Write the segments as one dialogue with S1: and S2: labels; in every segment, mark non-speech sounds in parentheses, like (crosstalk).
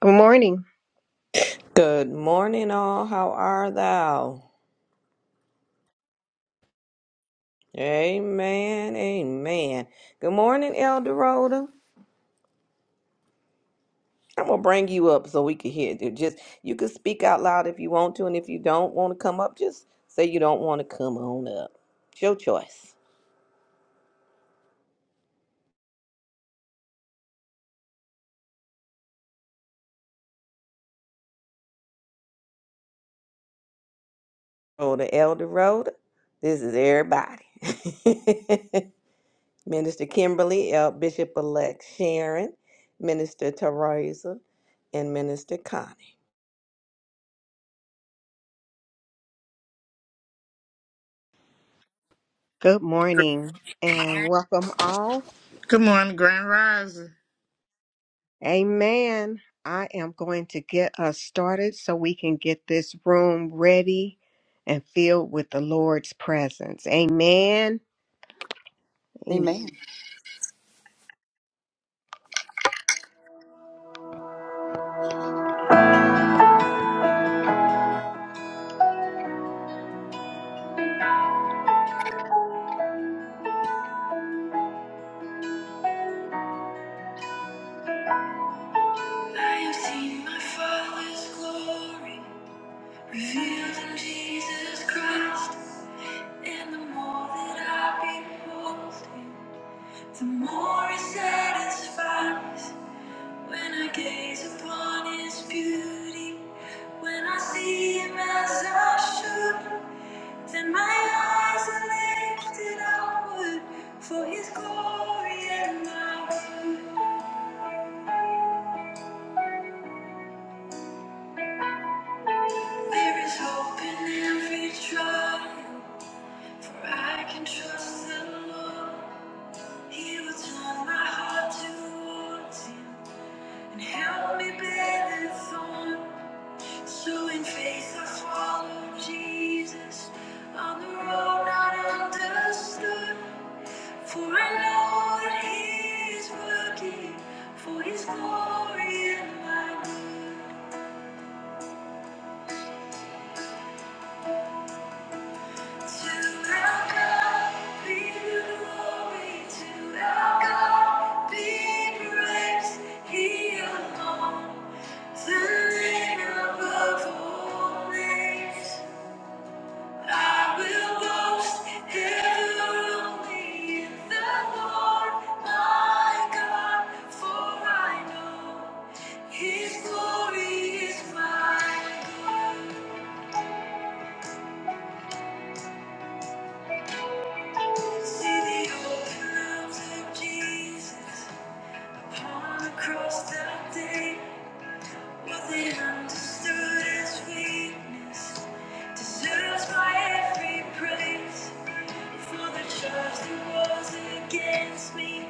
S1: Good morning.
S2: Good morning, all. How are thou? Amen. Amen. Good morning, Elder Rhoda. I'm gonna bring you up so we can hear you. Just you can speak out loud if you want to, and if you don't want to come up, just say you don't want to come on up. It's your choice. Rhoda, Elder Rhoda. This is everybody. (laughs) Minister Kimberly, El- Bishop Elect Sharon, Minister Teresa, and Minister Connor.
S1: Good
S3: Good
S1: morning and welcome all.
S3: morning, Grand Rising.
S1: Amen. I am going to get us started so we can get this room ready and filled with the Lord's presence. Amen. Amen.
S4: Amen.
S1: I have seen my Father's glory revealed in Jesus Christ, and the more that I behold him, the more it satisfies. When I gaze upon his beauty, when I see him as I should, then my eyes are lifted upward for his glory and my good. There is hope in every trial, for I can trust the Lord. He will turn my heart towards him and help me bear the thorn. So in faith I follow Jesus on the road not understood. For I know that He is working for His glory and my good. To our God be the glory, to our God be praise. He alone, the name above all names. I will boast heavily in the Lord my God, for I know His glory is mine. See the open arms of Jesus upon the cross that day. What they understood as weakness deserves my every praise. For the charge was against me,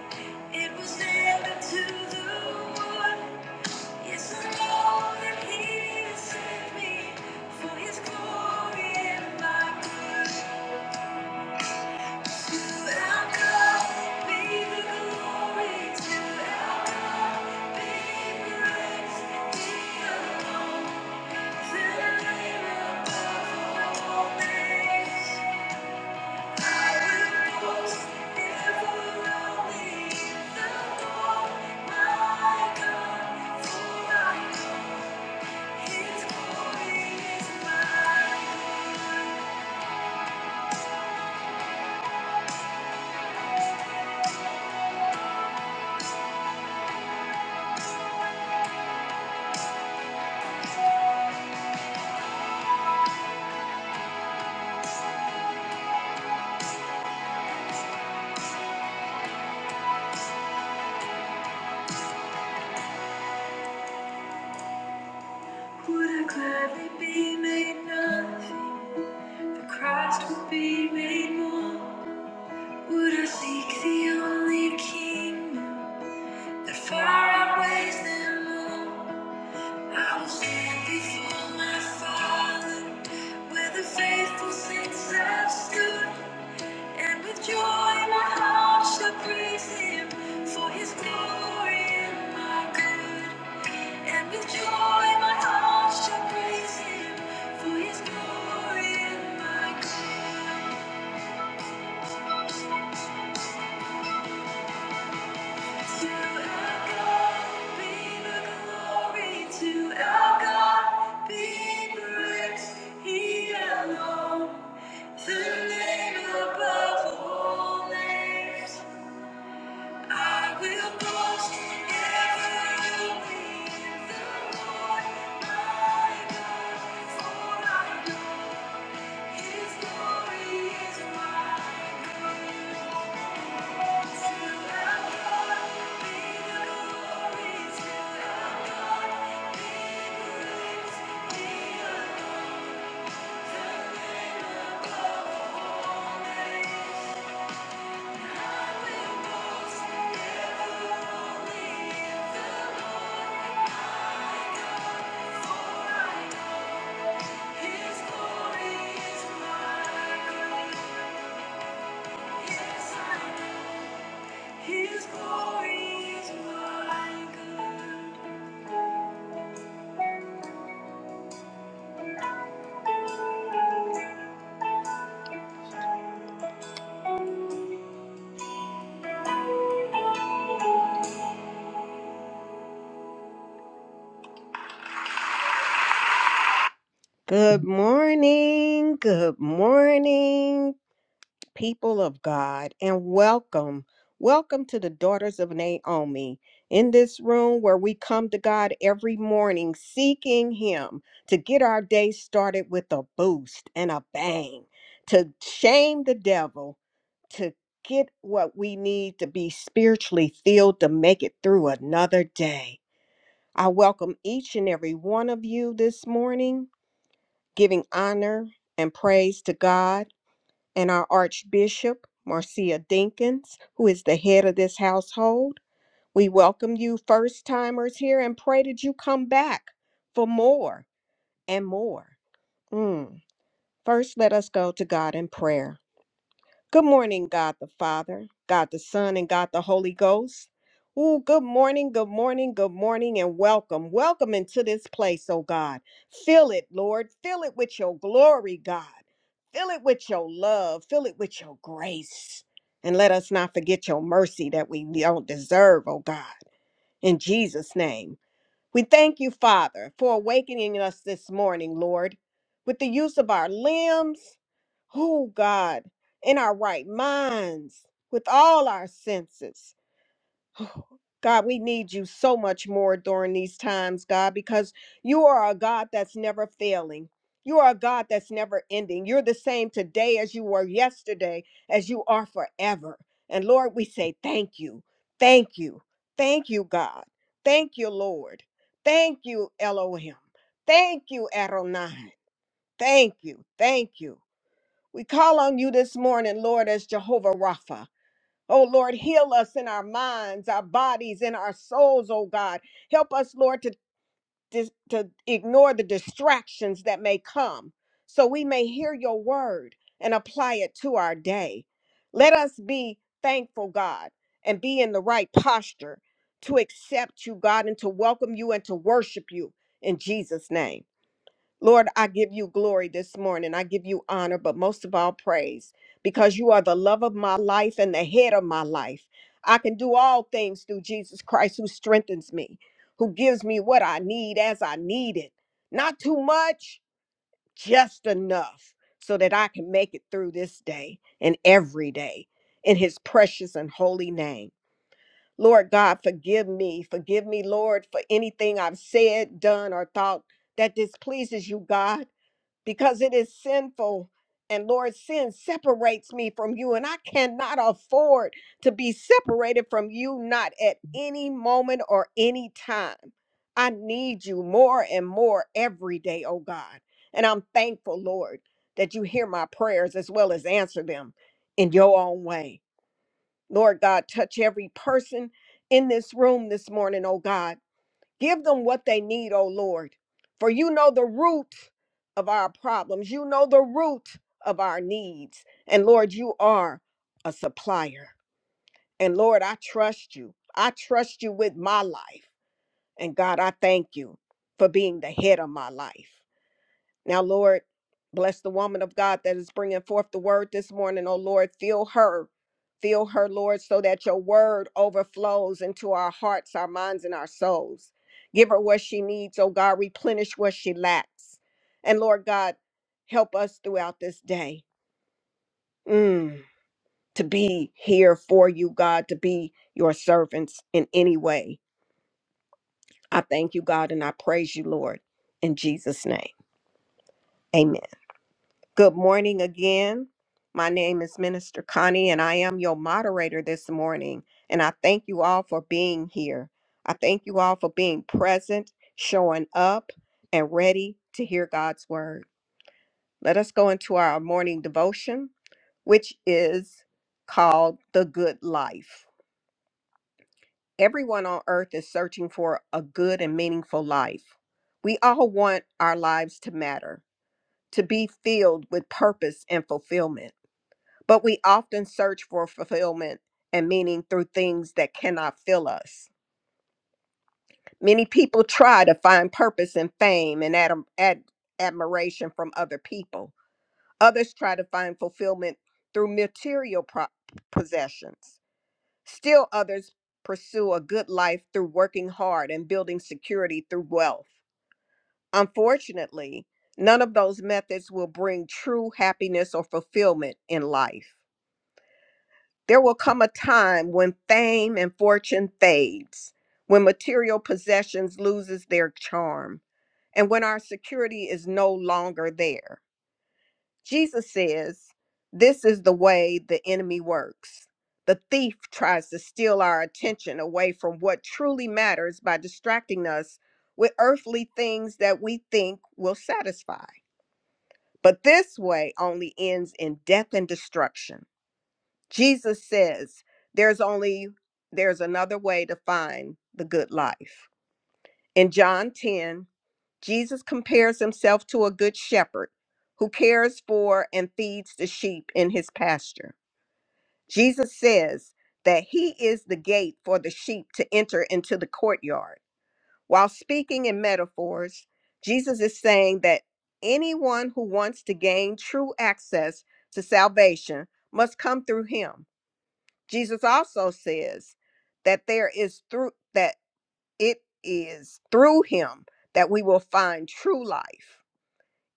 S1: it was nailed to the wood. Yes, I know that He has saved me for His glory and my good. To our God be the glory. To our be praise. Be alone. Would I gladly be made nothing? The Christ would be made more. Would I seek the only kingdom that far outweighs them all? I will stand before my Father with the faithful saints have stood, and with joy my heart shall praise Him for His glory and my good. And with joy my heart shall praise Him for His glory and my good. To our God be glory, to our God be praise. He alone, the name above all names. I will boast ever you be the Lord, my God, for I know His glory is mine. Good morning, good morning. people of God, and welcome. Welcome to the Daughters of Naomi. In this room where we come to God every morning seeking Him to get our day started with a boost and a bang, to shame the devil, to get what we need to be spiritually filled to make it through another day. I welcome each and every one of you this morning, giving honor and praise to God and our Archbishop, Marcia Dinkins, who is the head of this household. We welcome you first timers here and pray that you come back for more and more. Mm. First, let us go to God in prayer. Good morning, God the Father, God the Son, and God the Holy Ghost. Ooh, good morning, good morning, good morning, and welcome. Welcome into this place, oh God. Fill it, Lord. Fill it with your glory, God. Fill it with your love. Fill it with your grace. And let us not forget your mercy that we don't deserve, oh God. In Jesus' name. We thank you, Father, for awakening us this morning, Lord, with the use of our limbs, oh God, in our right minds, with all our senses. (sighs) Oh, God, we need you so much more during these times, God, because you are a God that's never failing. You are a God that's never ending. You're the same today as you were yesterday, as you are forever. And Lord, we say thank you. Thank you. Thank you, God. Thank you, Lord. Thank you, Elohim. Thank you, Adonai. Thank you. Thank you. We call on you this morning, Lord, as Jehovah Rapha. Oh Lord, heal us in our minds, our bodies, and our souls, oh God. Help us, Lord, to, dis- to ignore the distractions that may come so we may hear your word and apply it to our day. Let us be thankful, God, and be in the right posture to accept you, God, and to welcome you and to worship you in Jesus' name. Lord, I give you glory this morning. I give you honor, but most of all, praise, because you are the love of my life and the head of my life. I can do all things through Jesus Christ who strengthens me, who gives me what I need as I need it. Not too much, just enough, so that I can make it through this day and every day in his precious and holy name. Lord God, forgive me. Forgive me, Lord, for anything I've said, done, or thought that displeases you, God because it is sinful. And Lord, sin separates me from you, and I cannot afford to be separated from you, not at any moment or any time. I need you more and more every day, oh God. And I'm thankful, Lord, that you hear my prayers as well as answer them in your own way. Lord God, touch every person in this room this morning, oh God. Give them what they need, O Lord. For you know the root of our problems, you know the root of our needs. And Lord, you are a supplier. And Lord, I trust you. I trust you with my life. And God, I thank you for being the head of my life. Now, Lord, bless the woman of God that is bringing forth the word this morning. Oh, Lord, fill her. Fill her, Lord, so that your word overflows into our hearts, our minds, and our souls. Give her what she needs, oh God. Replenish what she lacks. And Lord God, help us throughout this day mm, to be here for you, God, to be your servants in any way. I thank you, God, and I praise you, Lord. In Jesus' name, amen. Good morning again. My name is Minister Connie, and I am your moderator this morning. And I thank you all for being here. I thank you all for being present, showing up, and ready to hear God's word. Let us go into our morning devotion, which is called The Good Life. Everyone on earth is searching for a good and meaningful life. We all want our lives to matter, to be filled with purpose and fulfillment. But we often search for fulfillment and meaning through things that cannot fill us. Many people try to find purpose in fame and adam- ad- admiration from other people. Others try to find fulfillment through material pro- possessions. Still, others pursue a good life through working hard and building security through wealth. Unfortunately, none of those methods will bring true happiness or fulfillment in life. There will come a time when fame and fortune fades, when material possessions loses their charm, and when our security is no longer there. Jesus says, this is the way the enemy works. The thief tries to steal our attention away from what truly matters by distracting us with earthly things that we think will satisfy. But this way only ends in death and destruction. Jesus says there's only there's another way to find the good life. In John 10, Jesus compares himself to a good shepherd who cares for and feeds the sheep in his pasture. Jesus says that he is the gate for the sheep to enter into the courtyard. While speaking in metaphors, Jesus is saying that anyone who wants to gain true access to salvation must come through him. Jesus also says that there is through that it is through him that we will find true life.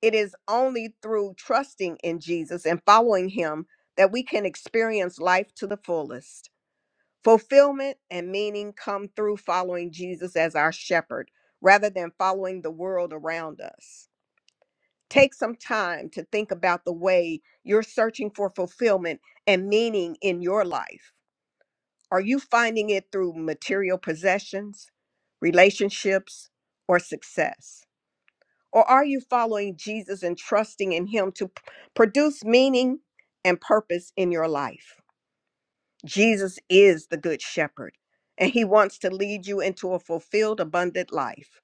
S1: It is only through trusting in Jesus and following him that we can experience life to the fullest. Fulfillment and meaning come through following Jesus as our shepherd rather than following the world around us. Take some time to think about the way you're searching for fulfillment and meaning in your life. Are you finding it through material possessions, relationships, or success? Or are you following Jesus and trusting in Him to p- produce meaning and purpose in your life? Jesus is the Good Shepherd, and He wants to lead you into a fulfilled, abundant life.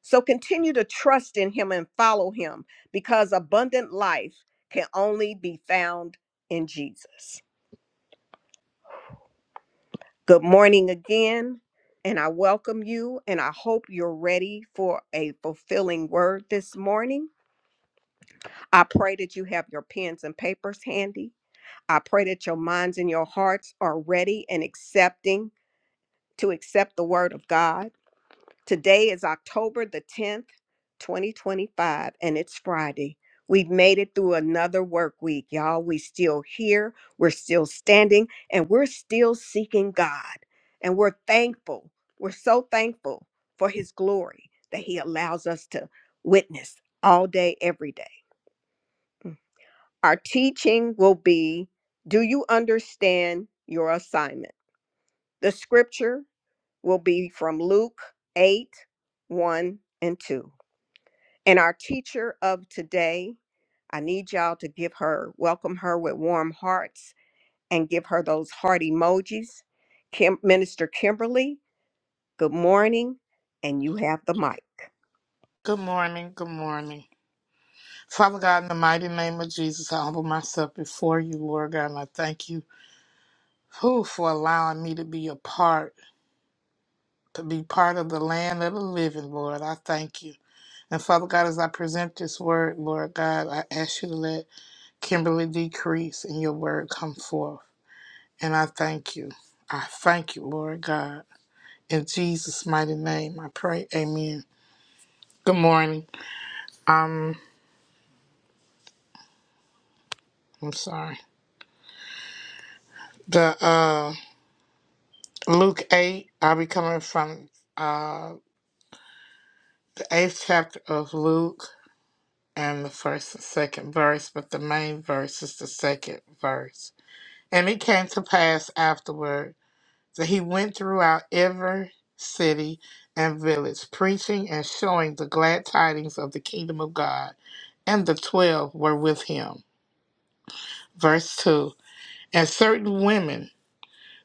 S1: So continue to trust in Him and follow Him because abundant life can only be found in Jesus. Good morning again, and I welcome you, and I hope you're ready for a fulfilling word this morning. I pray that you have your pens and papers handy. I pray that your minds and your hearts are ready and accepting to accept the word of God. Today is October the 10th, 2025, and it's Friday. We've made it through another work week, y'all. We still here, we're still standing, and we're still seeking God. And we're thankful. We're so thankful for his glory that he allows us to witness all day every day. Our teaching will be do you understand your assignment? The scripture will be from Luke 8 1 and 2. And our teacher of today, I need y'all to give her, welcome her with warm hearts and give her those heart emojis. Kim, Minister Kimberly, good morning, and you have the mic.
S3: Good morning, good morning. Father God, in the mighty name of Jesus, I humble myself before you, Lord God, and I thank you who for allowing me to be a part, to be part of the land of the living, Lord. I thank you. And Father God, as I present this word, Lord God, I ask you to let Kimberly decrease and your word come forth. And I thank you. I thank you, Lord God. In Jesus' mighty name, I pray. Amen. Good morning. Um, I'm sorry. The uh, Luke 8, I'll be coming from uh, the eighth chapter of Luke and the first and second verse, but the main verse is the second verse. And it came to pass afterward that he went throughout every city and village, preaching and showing the glad tidings of the kingdom of God. And the twelve were with him. Verse 2 And certain women.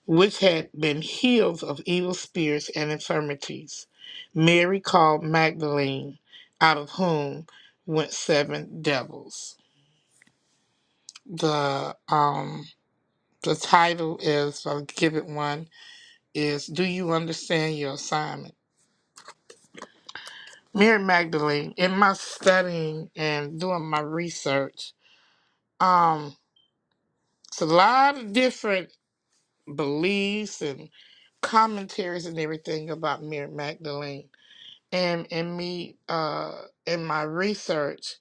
S3: which had been healed of evil spirits and infirmities. Mary called Magdalene, out of whom went seven devils. The um the title is I'll give it one is Do You Understand Your Assignment? Mary Magdalene, in my studying and doing my research, um, it's a lot of different beliefs and commentaries and everything about Mary Magdalene and in me uh in my research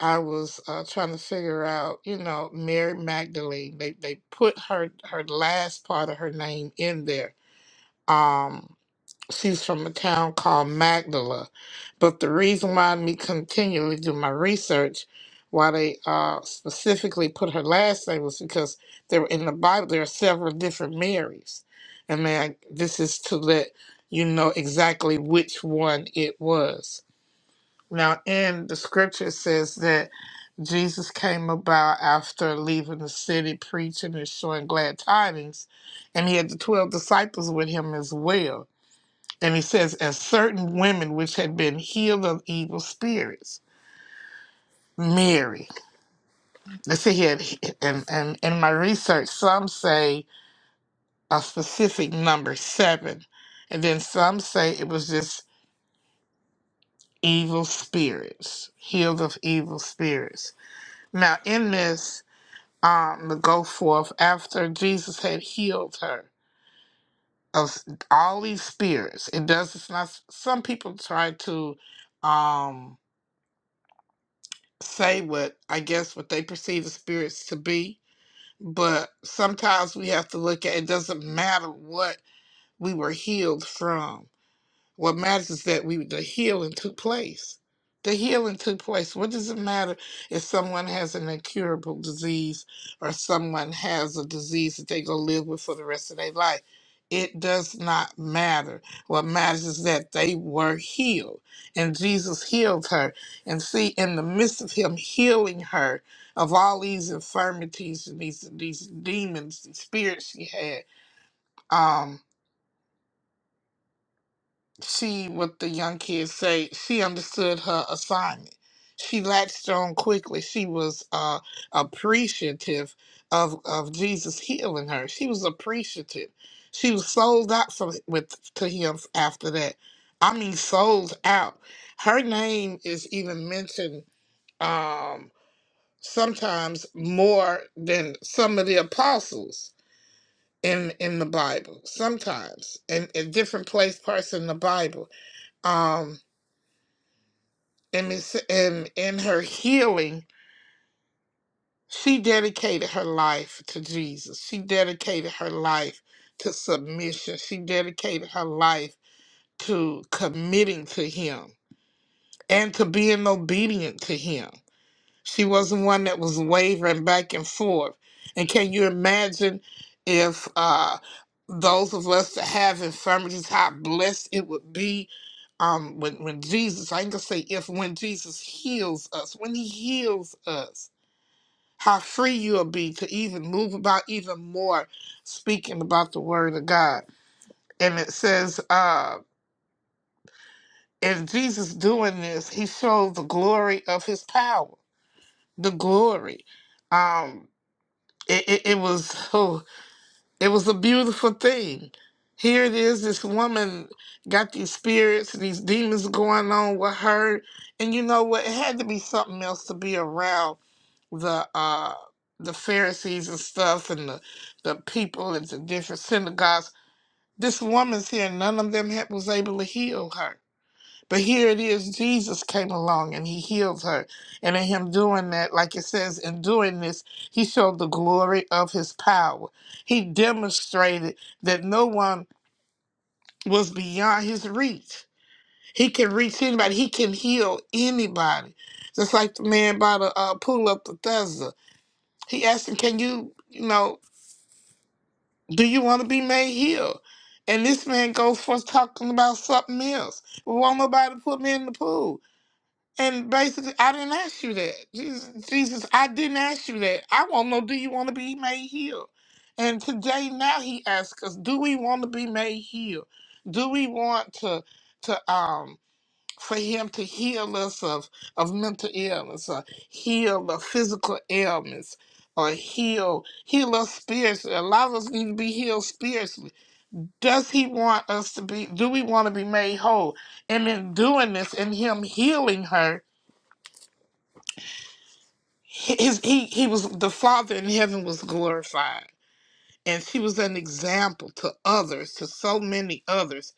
S3: i was uh trying to figure out you know mary magdalene they they put her her last part of her name in there um she's from a town called magdala but the reason why me continually do my research why they uh specifically put her last name was because there in the bible there are several different marys and man this is to let you know exactly which one it was now, in the scripture, it says that Jesus came about after leaving the city, preaching and showing glad tidings, and he had the 12 disciples with him as well. And he says, and certain women which had been healed of evil spirits, Mary. Let's see, he had, and, and in my research, some say a specific number, seven, and then some say it was just evil spirits, healed of evil spirits. Now, in this, um, to go forth after Jesus had healed her of all these spirits. It does. It's not. Some people try to um, say what I guess what they perceive the spirits to be, but sometimes we have to look at. It doesn't matter what we were healed from. What matters is that we the healing took place. The healing took place. What does it matter if someone has an incurable disease or someone has a disease that they're gonna live with for the rest of their life? It does not matter. What matters is that they were healed and Jesus healed her. And see, in the midst of him healing her of all these infirmities and these these demons, these spirits she had, um, She, what the young kids say, she understood her assignment. She latched on quickly. She was uh, appreciative of of Jesus healing her. She was appreciative. She was sold out for, with to him after that. I mean, sold out. Her name is even mentioned um, sometimes more than some of the apostles in in the Bible. Sometimes in, in different place parts in the Bible. um. and it's and in her healing she dedicated her life to jesus she dedicated her life to submission she dedicated her life to committing to him and to being obedient to him she wasn't one that was wavering back and forth. And can you imagine if uh, those of us that have infirmities, how blessed it would be um, when, when Jesus, I ain't gonna say if, when Jesus heals us, when he heals us, how free you'll be to even move about even more speaking about the word of God. And it says, uh, in Jesus doing this, he showed the glory of his power, the glory. Um, it, it, it was oh, it was a beautiful thing. Here it is, this woman got these spirits and these demons going on with her, and you know what? It had to be something else to be around the uh the Pharisees and stuff, and the the people at the different synagogues. This woman's here, none of them had, was able to heal her. But here it is, Jesus came along and he healed her. And in him doing that, like it says, in doing this, he showed the glory of his power. He demonstrated that no one was beyond his reach. He can reach anybody, he can heal anybody. Just like the man by the uh, pool of Bethesda. He asked him, Can you, you know, do you want to be made heal? And this man goes forth talking about something else. Well, Won't nobody put me in the pool? And basically, I didn't ask you that. Jesus, Jesus, I didn't ask you that. I want to know, do you want to be made healed? And today, now he asks us, do we want to be made healed? Do we want to, to, um, for him to heal us of, of mental illness or heal of physical ailments or heal, heal us spiritually. A lot of us need to be healed spiritually. Does he want us to be, do we want to be made whole? And in doing this, in him healing her, his he he was the father in heaven was glorified and she was an example to others to so many others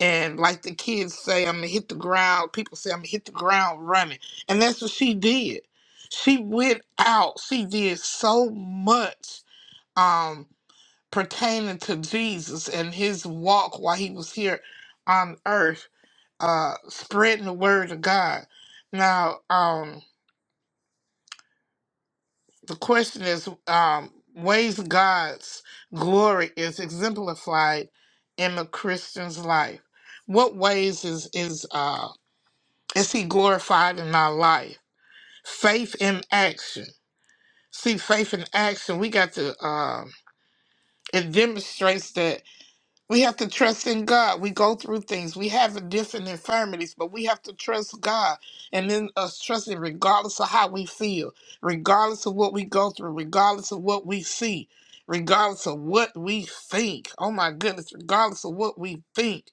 S3: and like the kids say i'm gonna hit the ground people say i'm gonna hit the ground running and that's what she did she went out she did so much um pertaining to jesus and his walk while he was here on earth uh spreading the word of god now um the question is um, ways God's glory is exemplified in the Christian's life. What ways is is uh, is He glorified in our life? Faith in action. See, faith in action. We got to. um it demonstrates that we have to trust in God. We go through things. We have different infirmities, but we have to trust God. And then us trusting, regardless of how we feel, regardless of what we go through, regardless of what we see, regardless of what we think. Oh my goodness, regardless of what we think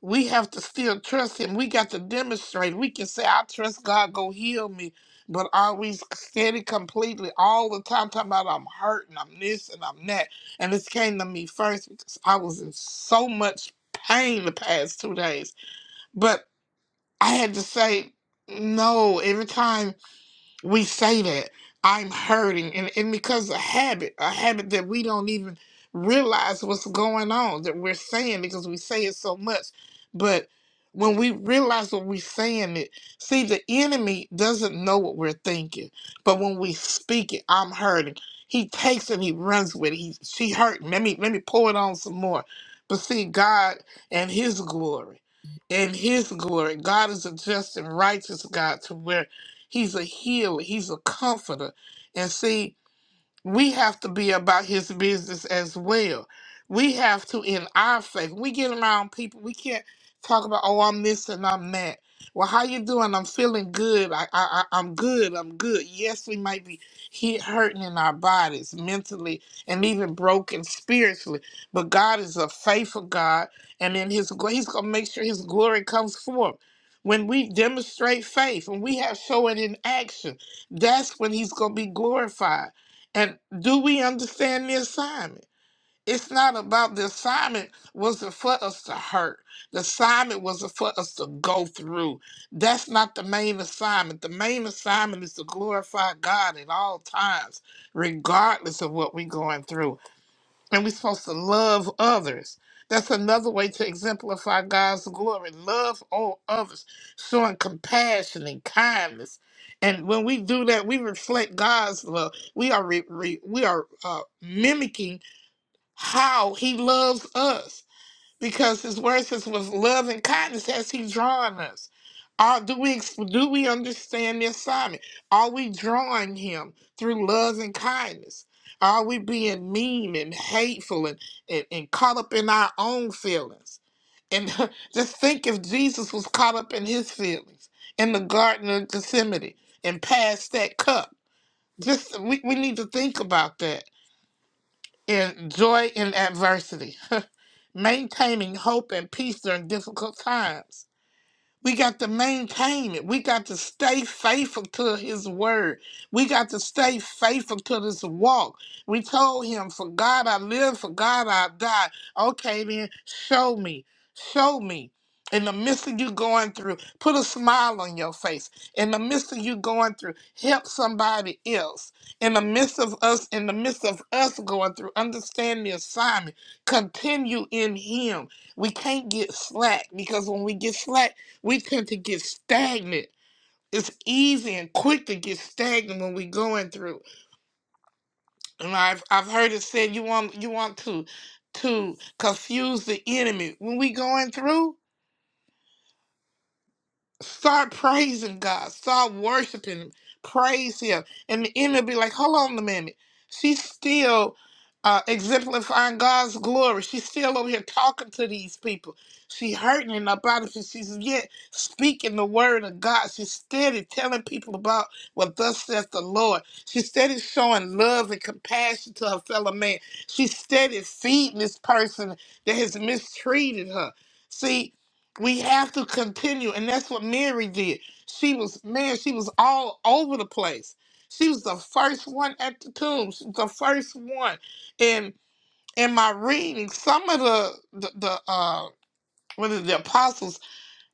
S3: we have to still trust him. We got to demonstrate. We can say, I trust God, go heal me. But are we steady completely all the time talking about I'm hurting, I'm this and I'm that? And this came to me first because I was in so much pain the past two days. But I had to say, no, every time we say that I'm hurting, and, and because a habit, a habit that we don't even realize what's going on that we're saying because we say it so much. But when we realize what we're saying, it see the enemy doesn't know what we're thinking, but when we speak it, I'm hurting. He takes it, he runs with it. He, she hurting? Let me let me pour it on some more. But see, God and His glory, and His glory, God is a just and righteous God to where He's a healer. He's a comforter. And see, we have to be about his business as well. We have to, in our faith, we get around people. We can't talk about, oh, I'm this and I'm that. Well, how you doing? I'm feeling good. I, I, I- I'm good. I'm good. Yes, we might be hit, hurting in our bodies, mentally, and even broken spiritually. But God is a faithful God, and in His gl- He's gonna make sure His glory comes forth. When we demonstrate faith, when we have show it in action, that's when He's gonna be glorified and do we understand the assignment? It's not about the assignment wasn't for us to hurt. The assignment wasn't for us to go through. That's not the main assignment. The main assignment is to glorify God at all times, regardless of what we're going through. And we're supposed to love others. That's another way to exemplify God's glory. Love all others, showing compassion and kindness. And when we do that, we reflect God's love. We are re- re- we are uh, mimicking how He loves us because his word says with love and kindness has he drawn us Are do we do we understand the assignment are we drawing him through love and kindness are we being mean and hateful and, and, and caught up in our own feelings and (laughs) just think if jesus was caught up in his feelings in the garden of gethsemane and passed that cup just we, we need to think about that and joy in adversity (laughs) maintaining hope and peace during difficult times. We got to maintain it. We got to stay faithful to his word. We got to stay faithful to this walk. We told him, For God I live, for God I die. Okay, then show me. Show me. In the midst of you going through, put a smile on your face. In the midst of you going through, help somebody else. In the midst of us, in the midst of us going through, understand the assignment. Continue in him. We can't get slack because when we get slack, we tend to get stagnant. It's easy and quick to get stagnant when we going through. And I've I've heard it said you want you want to to confuse the enemy when we going through Start praising God. Start worshiping Him. Praise Him. And the enemy will be like, hold on a minute. She's still uh, exemplifying God's glory. She's still over here talking to these people. She hurting in her body. but She's yet speaking the word of God. She's steady telling people about what thus says the Lord. She's steady showing love and compassion to her fellow man. She's steady feeding this person that has mistreated her. See, we have to continue, and that's what Mary did. She was man, she was all over the place. She was the first one at the tomb. She was the first one. And in my reading, some of the the, the uh one of the apostles,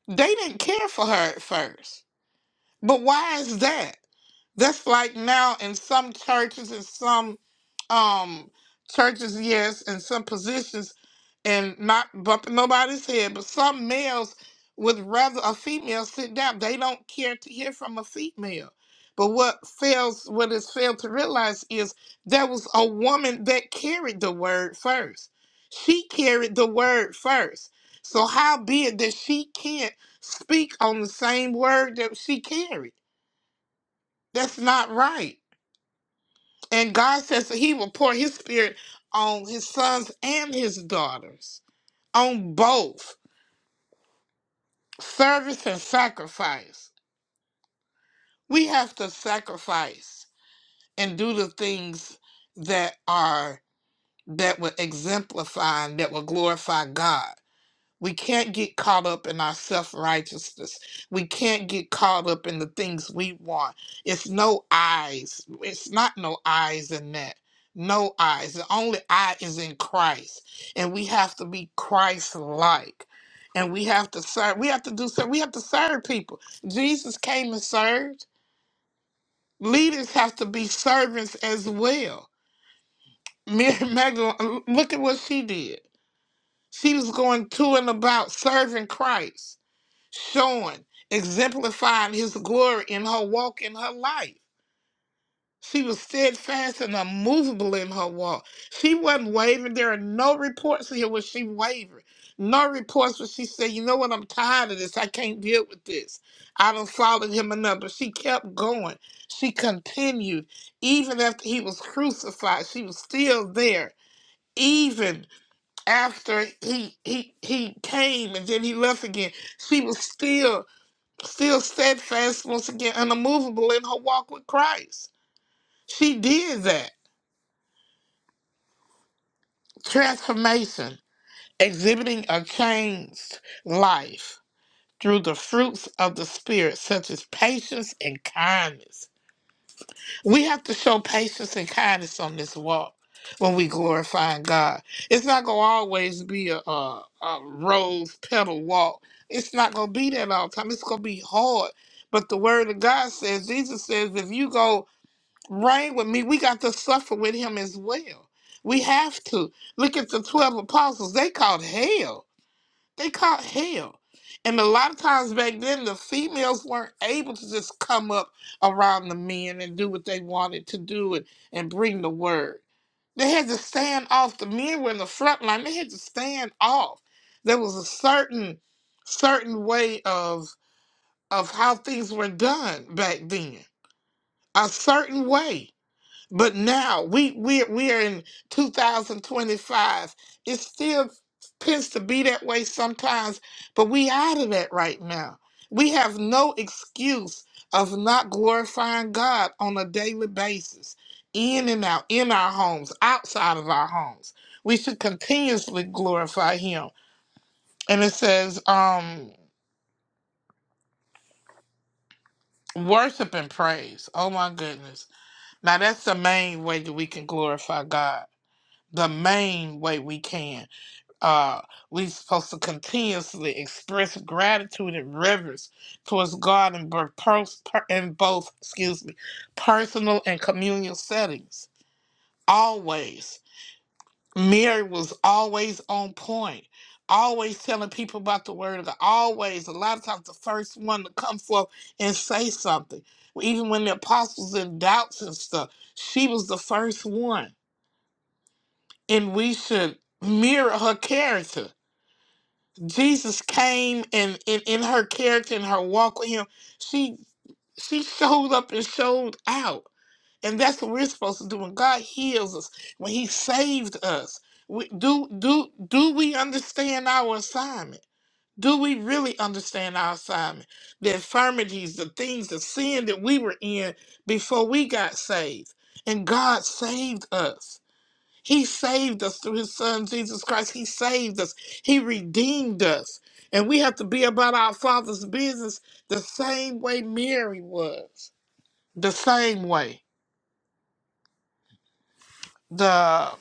S3: they didn't care for her at first. But why is that? That's like now in some churches and some um churches, yes, and some positions, and not bumping nobody's head, but some males would rather a female sit down. They don't care to hear from a female. But what fails, what is failed to realize is there was a woman that carried the word first. She carried the word first. So how be it that she can't? speak on the same word that she carried. That's not right. And God says that He will pour His Spirit on His sons and His daughters, on both service and sacrifice. We have to sacrifice and do the things that are that will exemplify and that will glorify God. We can't get caught up in our self righteousness. We can't get caught up in the things we want. It's no eyes. It's not no eyes in that. No eyes. The only eye is in Christ. And we have to be Christ like. And we have to serve. We have to do so. We have to serve people. Jesus came and served. Leaders have to be servants as well. Mary Magdalene, look at what she did. She was going to and about serving Christ showing, exemplifying his glory in her walk in her life. She was steadfast and unmovable in her walk. She wasn't wavering. There are no reports here where she wavered. No reports where she said, you know what, I'm tired of this. I can't deal with this. I don't follow him enough. But she kept going. She continued. Even after he was crucified, she was still there. Even after he he he came and then he left again. She was still still steadfast once again and immovable in her walk with Christ. She did that transformation, exhibiting a changed life through the fruits of the Spirit, such as patience and kindness. We have to show patience and kindness on this walk when we glorify God. It's not going to always be a, a, a rose petal walk. It's not going to be that all the time. It's going to be hard. But the Word of God says, Jesus says, if you go Right with me, we got to suffer with him as well. We have to. Look at the 12 apostles. They caught hell. They caught hell. And a lot of times back then, the females weren't able to just come up around the men and do what they wanted to do and, and bring the word. They had to stand off. The men were in the front line. They had to stand off. There was a certain certain way of of how things were done back then. A certain way. But now we we we are in 2025. It still tends to be that way sometimes, but we out of that right now. We have no excuse of not glorifying God on a daily basis, in and out, in our homes, outside of our homes. We should continuously glorify Him. And it says, um, worship and praise. Oh my goodness. Now that's the main way that we can glorify God. the main way we can. Uh, we supposed to continuously express gratitude and reverence towards God in both, pers- per- in both excuse me, personal and communal settings. Always. Mary was always on point. Always telling people about the word of God. Always, a lot of times, the first one to come forth and say something. Even when the apostles in doubts and stuff, she was the first one and we should mirror her character. Jesus came and in, in her character and her walk with him, she she showed up and showed out. And that's what we're supposed to do. When God heals us, when He saved us, we, do do do we understand our assignment? Do we really understand our assignment? The infirmities, the things, the sin that we were in before we got saved. And God saved us. He saved us through his son Jesus Christ. He saved us. He redeemed us. And we have to be about our father's business the same way Mary was. The same way. The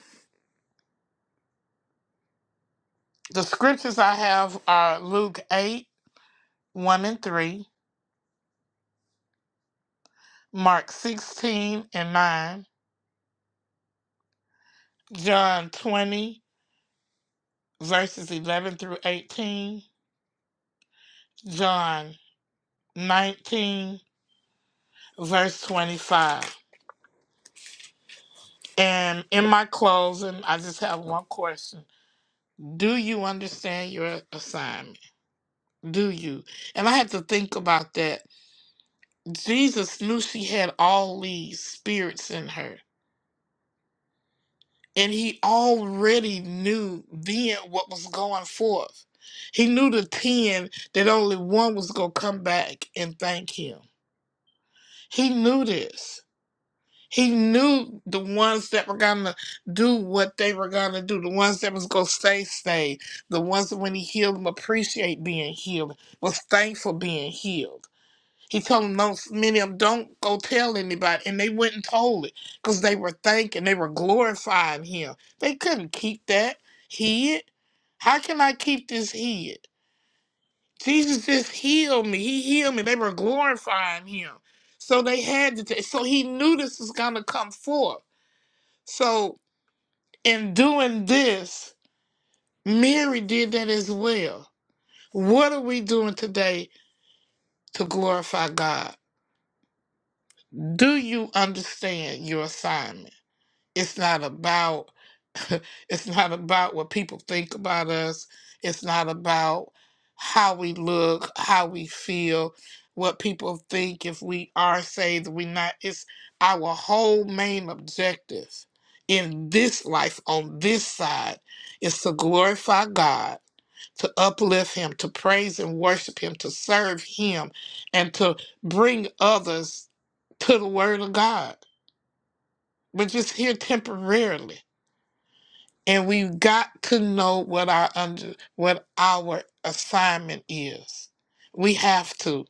S3: the scriptures I have are Luke 8, 1 and 3, Mark 16 and 9, John 20, verses 11 through 18, John 19, verse 25. And in my closing, I just have one question. Do you understand your assignment? Do you? And I had to think about that. Jesus knew she had all these spirits in her, and he already knew then what was going forth. He knew the 10 that only one was going to come back and thank him. He knew this. He knew the ones that were gonna do what they were gonna do, the ones that was gonna stay stayed, the ones that when he healed them appreciate being healed, was thankful being healed. He told them most many of them don't go tell anybody, and they went and told it because they were thanking, they were glorifying him. They couldn't keep that hid. How can I keep this hid? Jesus just healed me. He healed me. They were glorifying him. So they had to. T- so he knew this was gonna come forth. So, in doing this, Mary did that as well. What are we doing today to glorify God? Do you understand your assignment? It's not about (laughs) it's not about what people think about us. It's not about how we look, how we feel, what people think if we are saved, we not. It's our whole main objective in this life on this side is to glorify God, to uplift him, to praise and worship him, to serve him, and to bring others to the word of God. We're just here temporarily and we've got to know what our under what our assignment is. We have to.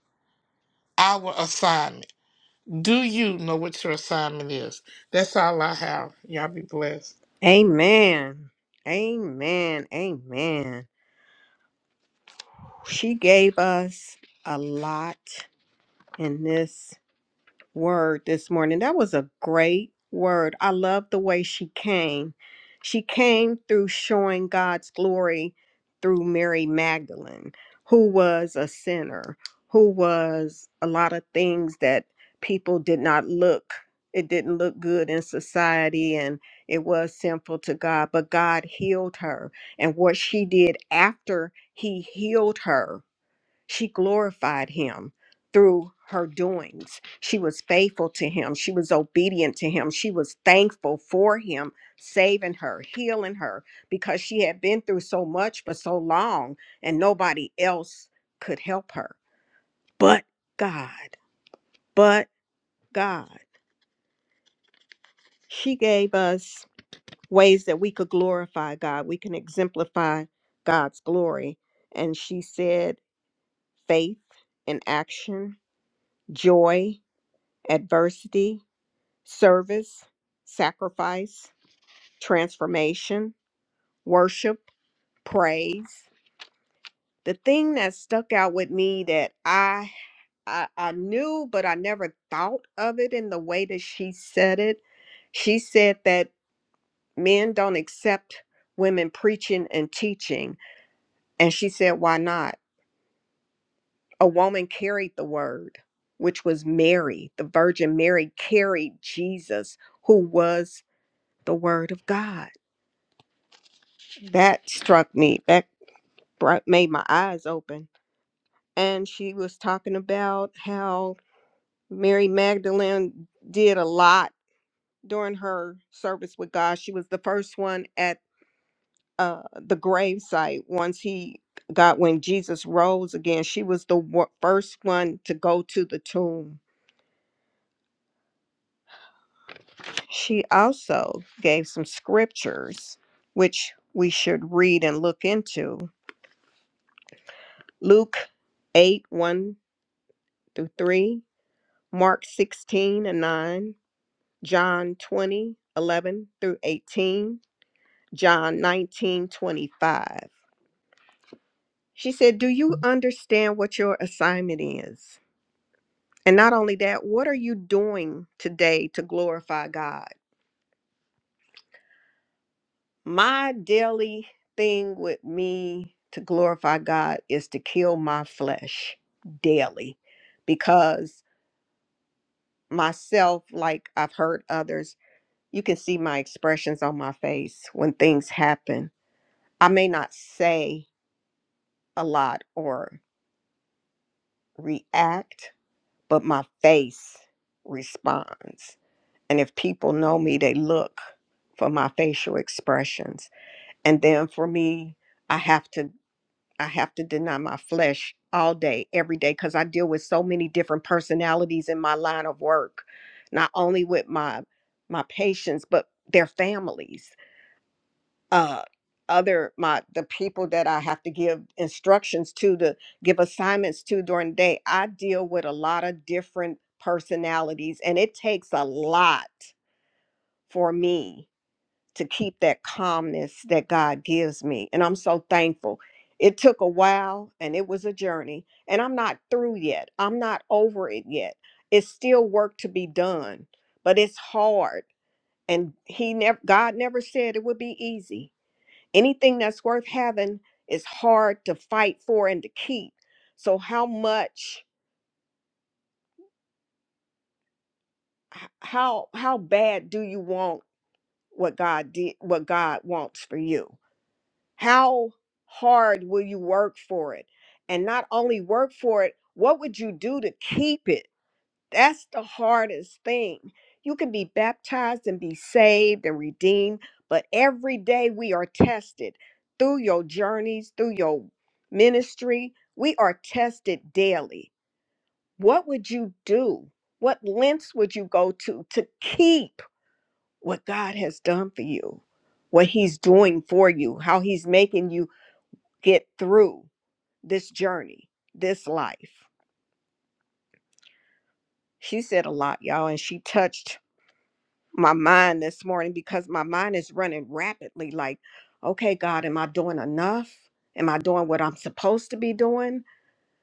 S3: Our assignment. Do you know what your assignment is? That's all I have. Y'all be blessed.
S1: Amen. Amen. Amen. She gave us a lot. in this word this morning. That was a great word. I love the way she came. She came through showing God's glory through Mary Magdalene, who was a sinner, who was a lot of things that people did not look. It didn't look good in society and it was sinful to God, but God healed her. And what she did after he healed her she glorified him through her doings. She was faithful to him. She was obedient to him. She was thankful for him saving her, healing her, because she had been through so much for so long and nobody else could help her. But God, but God. She gave us ways that we could glorify God, we can exemplify God's glory. And she said faith in action, joy adversity, service, sacrifice, transformation, worship, praise. The thing that stuck out with me that I, I I knew but I never thought of it in the way that she said it. She said that men don't accept women preaching and teaching and she said why not? A woman carried the word, which was Mary. The Virgin Mary carried Jesus who was the word of God. that struck me that brought, made my eyes open and she was talking about how mary magdalene did a lot during her service with god she was the first one at uh, the gravesite once he got when jesus rose again she was the wo- first one to go to the tomb she also gave some scriptures which we should read and look into luke 8 1 through 3 Mark 16 and 9, John 20 11 through 18, John 19 25. She said, Do you understand what your assignment is? And not only that, what are you doing today to glorify God? My daily thing with me to glorify God is to kill my flesh daily because myself, like I've heard others, you can see my expressions on my face when things happen I may not say a lot or react, but my face responds. And if people know me, they look for my facial expressions. And then for me, I have to I have to deny my flesh all day, every day, because I deal with so many different personalities in my line of work, not only with my my patients, but their families uh other my the people that I have to give instructions to to give assignments to during the day, I deal with a lot of different personalities and it takes a lot for me to keep that calmness that God gives me and I'm so thankful. It took a while and it was a journey and I'm not through yet. I'm not over it yet. It's still work to be done, but it's hard and he never God never said it would be easy Anything that's worth having is hard to fight for and to keep. So how much h- how how bad do you want what God did what God wants for you? How hard will you work for it? And not only work for it, what would you do to keep it? That's the hardest thing. You can be baptized and be saved and redeemed, but every day we are tested through your journeys, through your ministry. We are tested daily. What would you do? What lengths would you go to to keep what God has done for you, what He's doing for you, how He's making you get through this journey, this life? She said a lot, y'all, and she touched my mind this morning because my mind is running rapidly like okay god am i doing enough am i doing what i'm supposed to be doing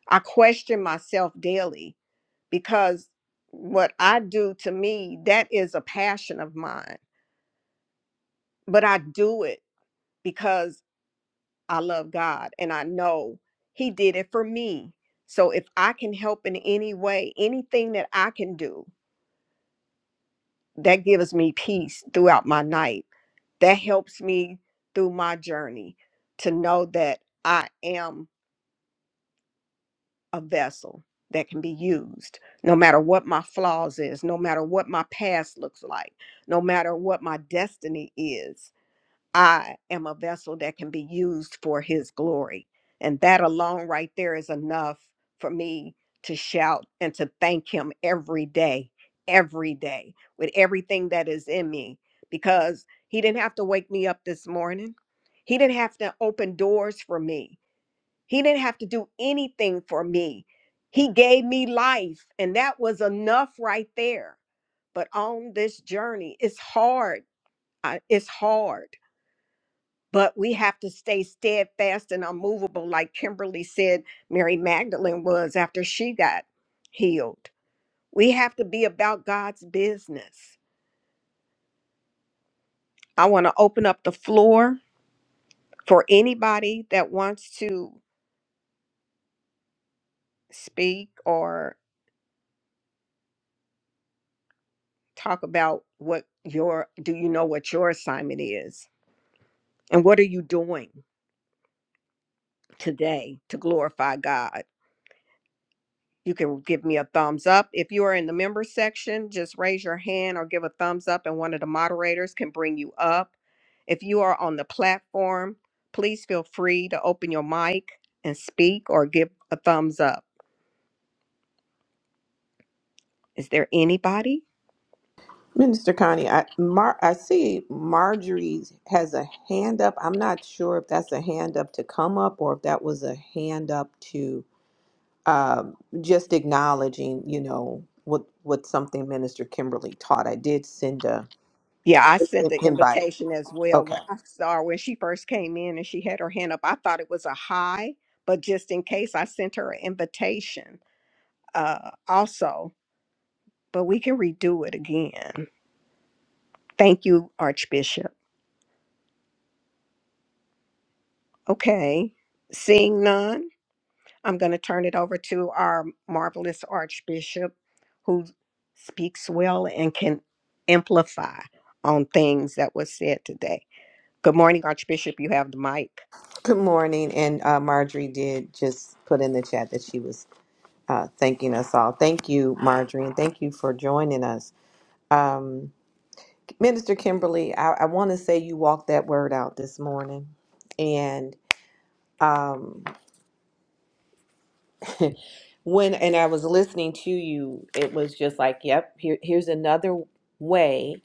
S1: i question myself daily because what i do to me that is a passion of mine but i do it because i love god and i know he did it for me so if i can help in any way anything that i can do that gives me peace throughout my night that helps me through my journey to know that I am a vessel that can be used no matter what my flaws is no matter what my past looks like no matter what my destiny is I am a vessel that can be used for his glory. And that alone right there is enough for me to shout and to thank him every day, every day with everything that is in me because he didn't have to wake me up this morning. He didn't have to open doors for me. He didn't have to do anything for me. He gave me life, and that was enough right there. But on this journey, it's hard. I- It's hard but we have to stay steadfast and unmovable, like Kimberly said Mary Magdalene was after she got healed. We have to be about God's business. I want to open up the floor for anybody that wants to speak or talk about what your do you know what your assignment is and what are you doing today to glorify God? You can give me a thumbs up. If you are in the member section, just raise your hand or give a thumbs up, and one of the moderators can bring you up. If you are on the platform, please feel free to open your mic and speak or give a thumbs up. Is there anybody?
S2: Minister Connie, I, Mar- I see Marjorie has a hand up. I'm not sure if that's a hand up to come up or if that was a hand up to um, just acknowledging, you know, what what something Minister Kimberly taught. I did send a
S1: Yeah, I sent
S2: in-
S1: the
S2: invite.
S1: invitation as well.
S2: Okay.
S1: When I saw her when she first came in and she had her hand up, I thought it was a hi, but just in case, I sent her an invitation. uh, also, but we can redo it again. Thank you, Archbishop. Okay, seeing none, I'm going to turn it over to our marvelous Archbishop who speaks well and can amplify on things that was said today. Good morning, Archbishop. You have the mic.
S2: Good morning, and uh, Marjorie did just put in the chat that she was uh, thanking us all. Thank you, Marjorie, and thank you for joining us. Um, Minister Kimberly, I, I want to say you walked that word out this morning. And um, when and I was listening to you, it was just like, yep, here, here's another way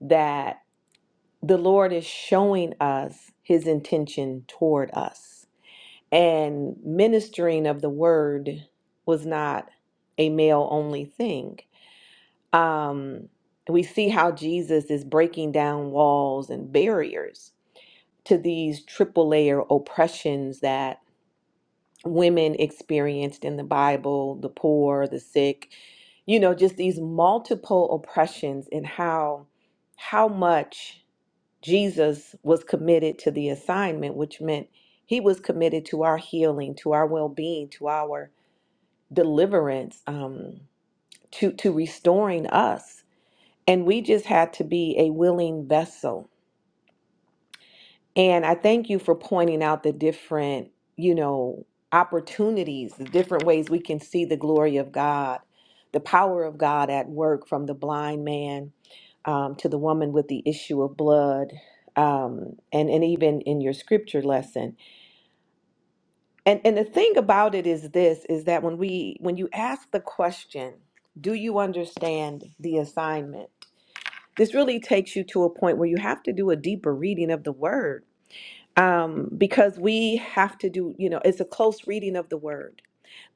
S2: that the Lord is showing us his intention toward us. And ministering of the word was not a male only thing. Um, we see how Jesus is breaking down walls and barriers to these triple layer oppressions that women experienced in the Bible, the poor, the sick, you know, just these multiple oppressions and how how much Jesus was committed to the assignment, which meant he was committed to our healing, to our well-being, to our deliverance, um, to to restoring us. And we just had to be a willing vessel And I thank you for pointing out the different, you know, opportunities, the different ways we can see the glory of God, the power of God at work from the blind man um, to the woman with the issue of blood, um, and and even in your scripture lesson. And and the thing about it is this: is that when we when you ask the question, do you understand the assignment? This really takes you to a point where you have to do a deeper reading of the word um, because we have to do, you know, it's a close reading of the word.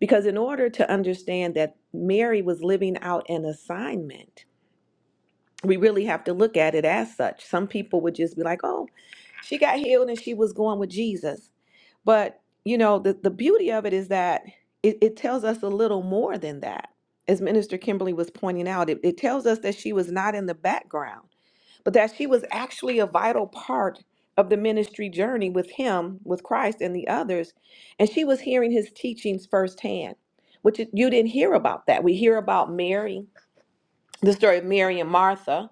S2: Because in order to understand that Mary was living out an assignment, we really have to look at it as such. Some people would just be like, oh, she got healed and she was going with Jesus. But, you know, the, the beauty of it is that it, it tells us a little more than that. As Minister Kimberly was pointing out, it, it tells us that she was not in the background but that she was actually a vital part of the ministry journey with him, with Christ and the others. And she was hearing his teachings firsthand, which it- you didn't hear about that. We hear about Mary, the story of Mary and Martha,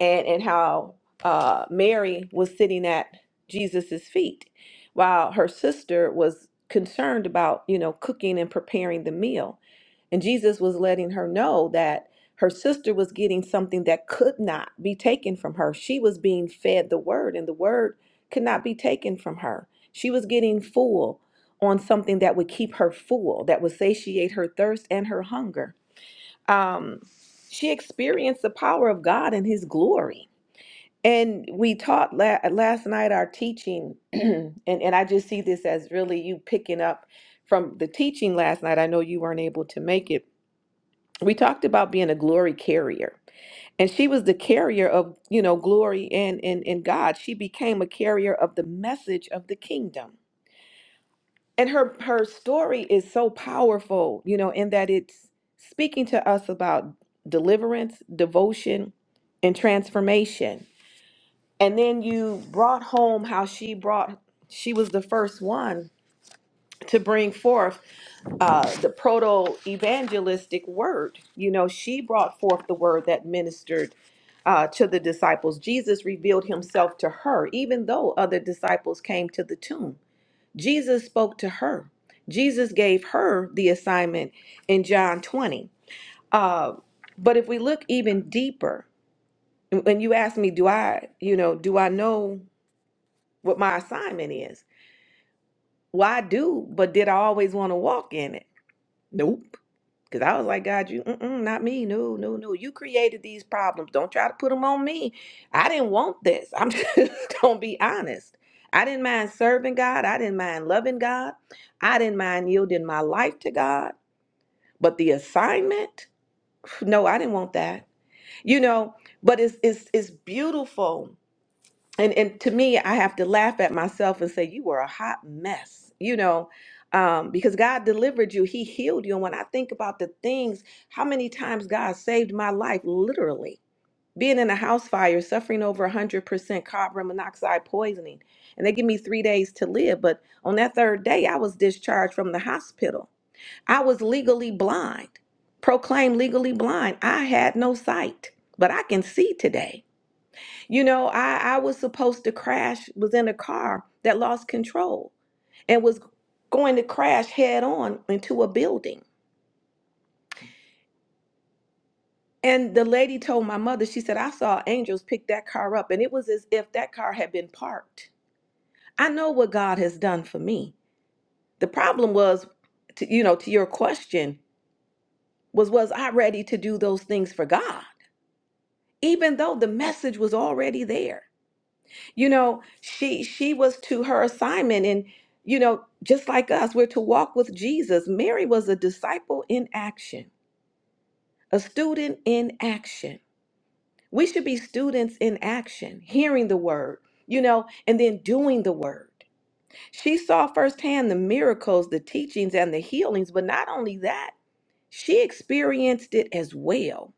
S2: and, and how uh, Mary was sitting at Jesus's feet while her sister was concerned about, you know, cooking and preparing the meal. And Jesus was letting her know that her sister was getting something that could not be taken from her. She was being fed the word, and the word could not be taken from her. She was getting full on something that would keep her full, that would satiate her thirst and her hunger. Um, she experienced the power of God and His glory. And we taught la- last night our teaching, (clears throat) and, and I just see this as really you picking up from the teaching last night. I know you weren't able to make it we talked about being a glory carrier and she was the carrier of you know glory and and and god she became a carrier of the message of the kingdom and her her story is so powerful you know in that it's speaking to us about deliverance devotion and transformation and then you brought home how she brought she was the first one to bring forth uh, the proto evangelistic word. You know, she brought forth the word that ministered uh, to the disciples. Jesus revealed himself to her, even though other disciples came to the tomb. Jesus spoke to her. Jesus gave her the assignment in John 20. Uh, but if we look even deeper, when you ask me, do I, you know, do I know what my assignment is? Well, I do, but did I always want to walk in it? Nope. Because I was like, God, you, mm-mm, not me. No, no, no. You created these problems. Don't try to put them on me. I didn't want this. I'm (laughs) just going to be honest. I didn't mind serving God. I didn't mind loving God. I didn't mind yielding my life to God. But the assignment, (sighs) no, I didn't want that. You know, but it's it's it's beautiful and and to me i have to laugh at myself and say you were a hot mess you know um, because god delivered you he healed you and when i think about the things how many times god saved my life literally being in a house fire suffering over 100% carbon monoxide poisoning and they give me three days to live but on that third day i was discharged from the hospital i was legally blind proclaimed legally blind i had no sight but i can see today you know, I, I was supposed to crash, was in a car that lost control and was going to crash head on into a building. And the lady told my mother, she said, I saw angels pick that car up, and it was as if that car had been parked. I know what God has done for me. The problem was, to, you know, to your question, was was I ready to do those things for God, even though the message was already there? you know she she was to her assignment and you know just like us we're to walk with jesus mary was a disciple in action a student in action we should be students in action hearing the word you know and then doing the word she saw firsthand the miracles the teachings and the healings but not only that she experienced it as well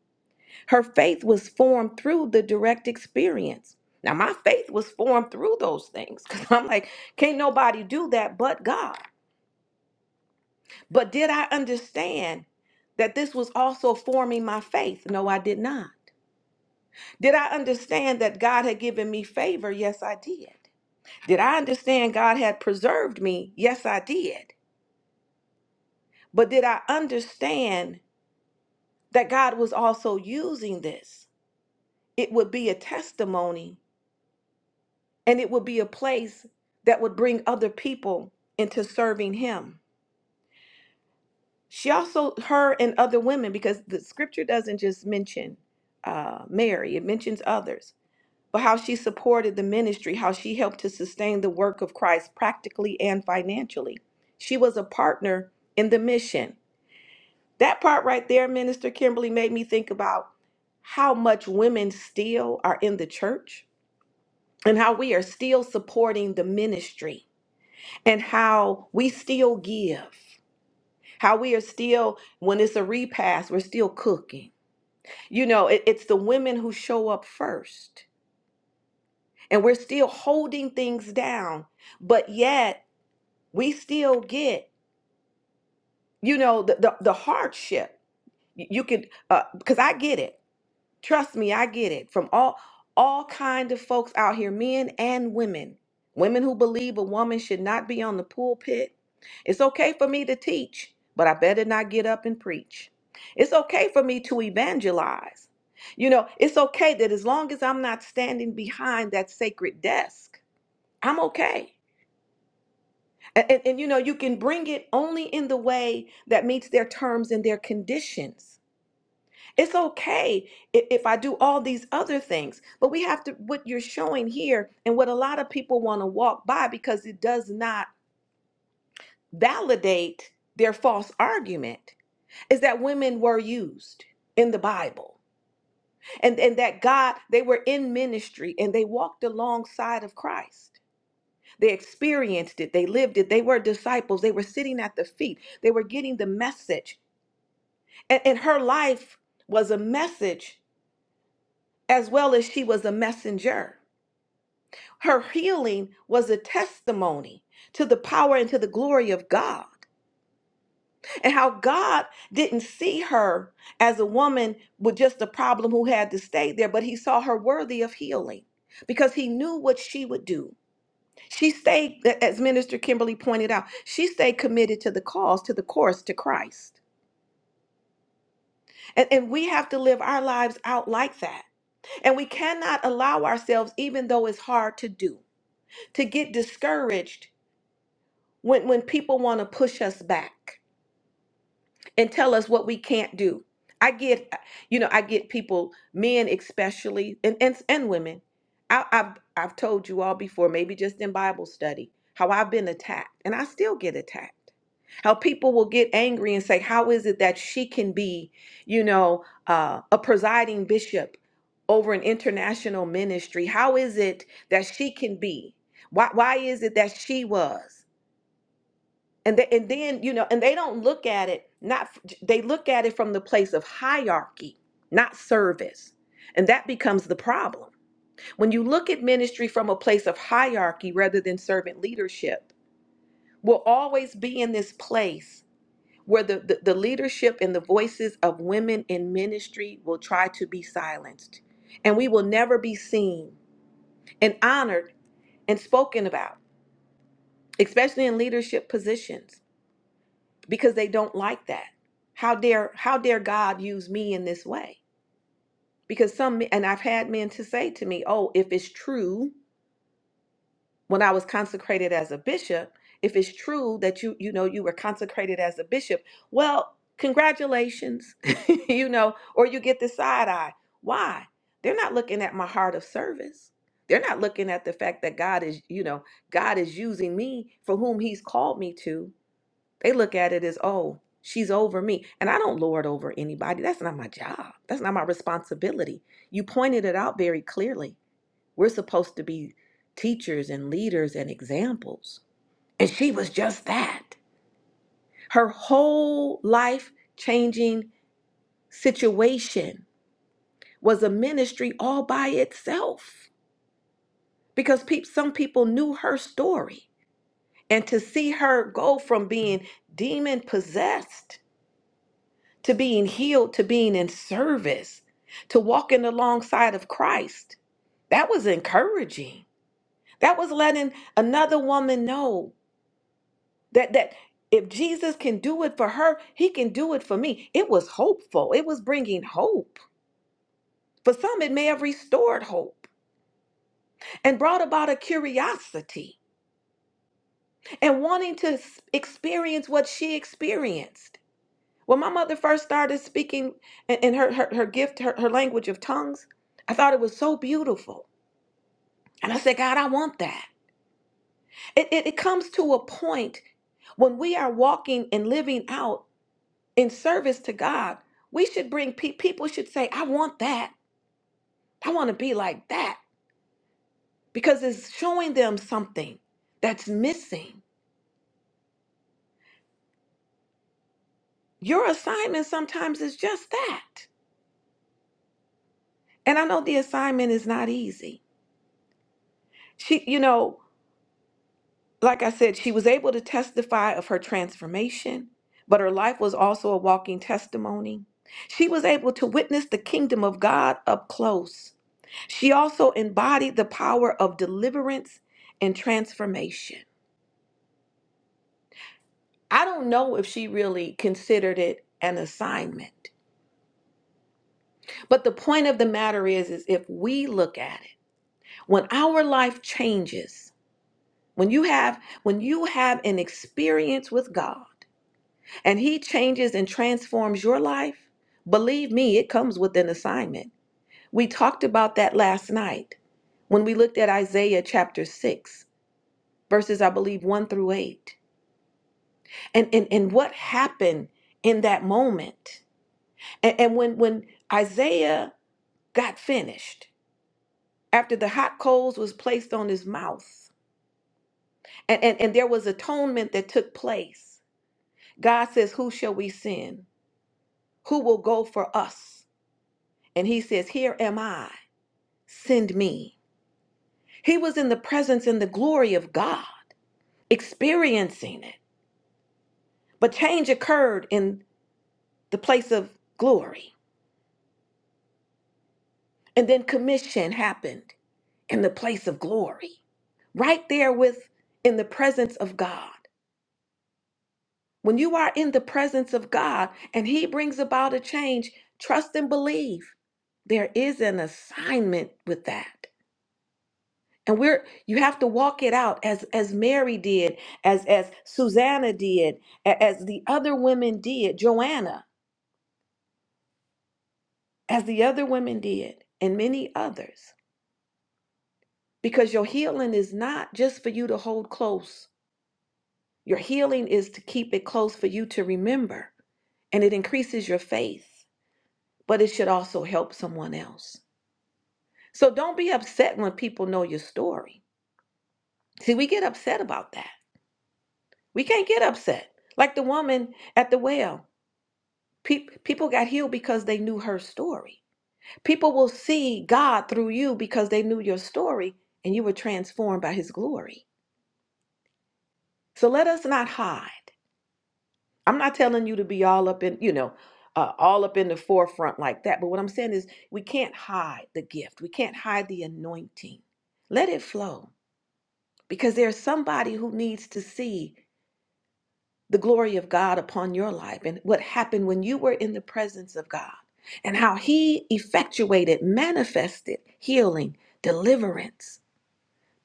S2: her faith was formed through the direct experience. Now, my faith was formed through those things (laughs) because I'm like, can't nobody do that but God. But did I understand that this was also forming my faith? No, I did not. Did I understand that God had given me favor? Yes, I did. Did I understand God had preserved me? Yes, I did. But did I understand that God was also using this? It would be a testimony and it would be a place that would bring other people into serving him. She also, her and other women, because the scripture doesn't just mention uh, Mary, it mentions others, but how she supported the ministry, how she helped to sustain the work of Christ practically and financially. She was a partner in the mission. That part right there, Minister Kimberly, made me think about how much women still are in the church and how we are still supporting the ministry and how we still give, how we are still, when it's a repast, we're still cooking. You know, it- it's the women who show up first, and we're still holding things down, but yet we still get, you know, the, the, the hardship. You you could, because I get it Trust me, I get it. From all all kind of folks out here, men and women. Women who believe a woman should not be on the pulpit. It's okay for me to teach, but I better not get up and preach. It's okay for me to evangelize. You know, it's okay that as long as I'm not standing behind that sacred desk, I'm okay. And, and, and you know, you can bring it only in the way that meets their terms and their conditions. It's okay if, if I do all these other things, but we have to, what you're showing here and what a lot of people want to walk by because it does not validate their false argument is that women were used in the Bible and, and that God, they were in ministry and they walked alongside of Christ. They experienced it, they lived it, they were disciples, they were sitting at the feet, they were getting the message. And, and her life was a message as well as she was a messenger. Her healing was a testimony to the power and to the glory of God, and how God didn't see her as a woman with just a problem who had to stay there, but He saw her worthy of healing because He knew what she would do. She stayed, as Minister Kimberly pointed out, she stayed committed to the cause, to the course, to Christ. And, and we have to live our lives out like that. And we cannot allow ourselves, even though it's hard to do, to get discouraged when when people want to push us back and tell us what we can't do i get you know i get people men especially and and, and women I, i've i've told you all before maybe just in bible study how i've been attacked and i still get attacked how people will get angry and say how is it that she can be you know uh, a presiding bishop over an international ministry how is it that she can be why, why is it that she was and they, and then you know and they don't look at it not they look at it from the place of hierarchy not service and that becomes the problem when you look at ministry from a place of hierarchy rather than servant leadership we'll always be in this place where the, the, the leadership and the voices of women in ministry will try to be silenced and we will never be seen and honored and spoken about especially in leadership positions because they don't like that. How dare how dare God use me in this way? Because some and I've had men to say to me, "Oh, if it's true, when I was consecrated as a bishop, if it's true that you you know you were consecrated as a bishop, well, congratulations, (laughs) you know, or you get the side eye. Why? They're not looking at my heart of service. They're not looking at the fact that God is, you know, God is using me for whom He's called me to they look at it as, oh, she's over me. And I don't lord over anybody. That's not my job. That's not my responsibility. You pointed it out very clearly. We're supposed to be teachers and leaders and examples. And she was just that. Her whole life changing situation was a ministry all by itself because peop some people knew her story. And to see her go from being demon possessed to being healed, to being in service, to walking alongside of Christ. That was encouraging. That was letting another woman know that that if Jesus can do it for her, he can do it for me. It was hopeful. It was bringing hope. For some it may have restored hope and brought about a curiosity and wanting to s- experience what she experienced. When my mother first started speaking and, and her, her her gift, her, her language of tongues, I thought it was so beautiful. And I said, God, I want that. It, it, it comes to a point when we are walking and living out in service to God, we should bring pe- people should say, I want that. I want to be like that because it's showing them something that's missing. Your assignment sometimes is just that. And I know the assignment is not easy. She, you know, Like I said, she was able to testify of her transformation, but her life was also a walking testimony. She was able to witness the kingdom of God up close. She also embodied the power of deliverance and transformation. I don't know if she really considered it an assignment, but the point of the matter is is if we look at it, when our life changes, when you have when you have an experience with God, and He changes and transforms your life, believe me, it comes with an assignment. We talked about that last night when we looked at Isaiah chapter 6, verses, I believe, 1 through 8, and, and, and what happened in that moment. And, and when, when Isaiah got finished, after the hot coals was placed on his mouth, and, and, and there was atonement that took place, God says, Who shall we send? Who will go for us? And he says, Here am I send me. He was in the presence and the glory of God, experiencing it. But change occurred in the place of glory. And then commission happened in the place of glory, right there with in the presence of God. When you are in the presence of God and He brings about a change, trust and believe there is an assignment with that. and we're you have to walk it out as as mary did as as susanna did a- as the other women did joanna as the other women did and many others because your healing is not just for you to hold close your healing is to keep it close for you to remember and it increases your faith but it should also help someone else so don't be upset when people know your story see we get upset about that we can't get upset like the woman at the well Peop people got healed because they knew her story. People will see God through you because they knew your story and you were transformed by his glory. So let us not hide. I'm not telling you to be all up in, you know, uh, all up in the forefront like that. But what I'm saying is we can't hide the gift, we can't hide the anointing. Let it flow because there's somebody who needs to see. the glory of God upon your life and what happened when you were in the presence of God and how He effectuated, manifested healing, deliverance,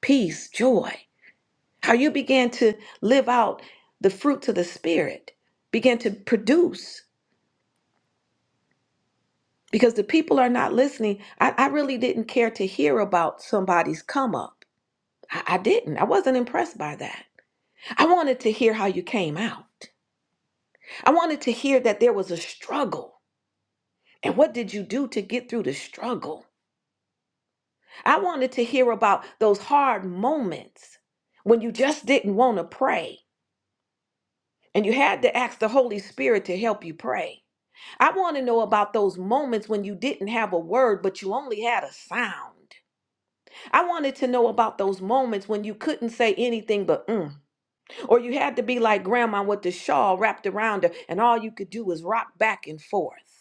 S2: peace, joy. How you began to live out the fruits of the Spirit, began to produce. Because the people are not listening. I, I really didn't care to hear about somebody's come up. I, I didn't. I wasn't impressed by that. I wanted to hear how you came out. I wanted to hear that there was a struggle And what did you do to get through the struggle? I wanted to hear about those hard moments when you just didn't want to pray and you had to ask the Holy Spirit to help you pray. I want to know about those moments when you didn't have a word but you only had a sound. I wanted to know about those moments when you couldn't say anything but mm. Or you had to be like grandma with the shawl wrapped around her and all you could do was rock back and forth.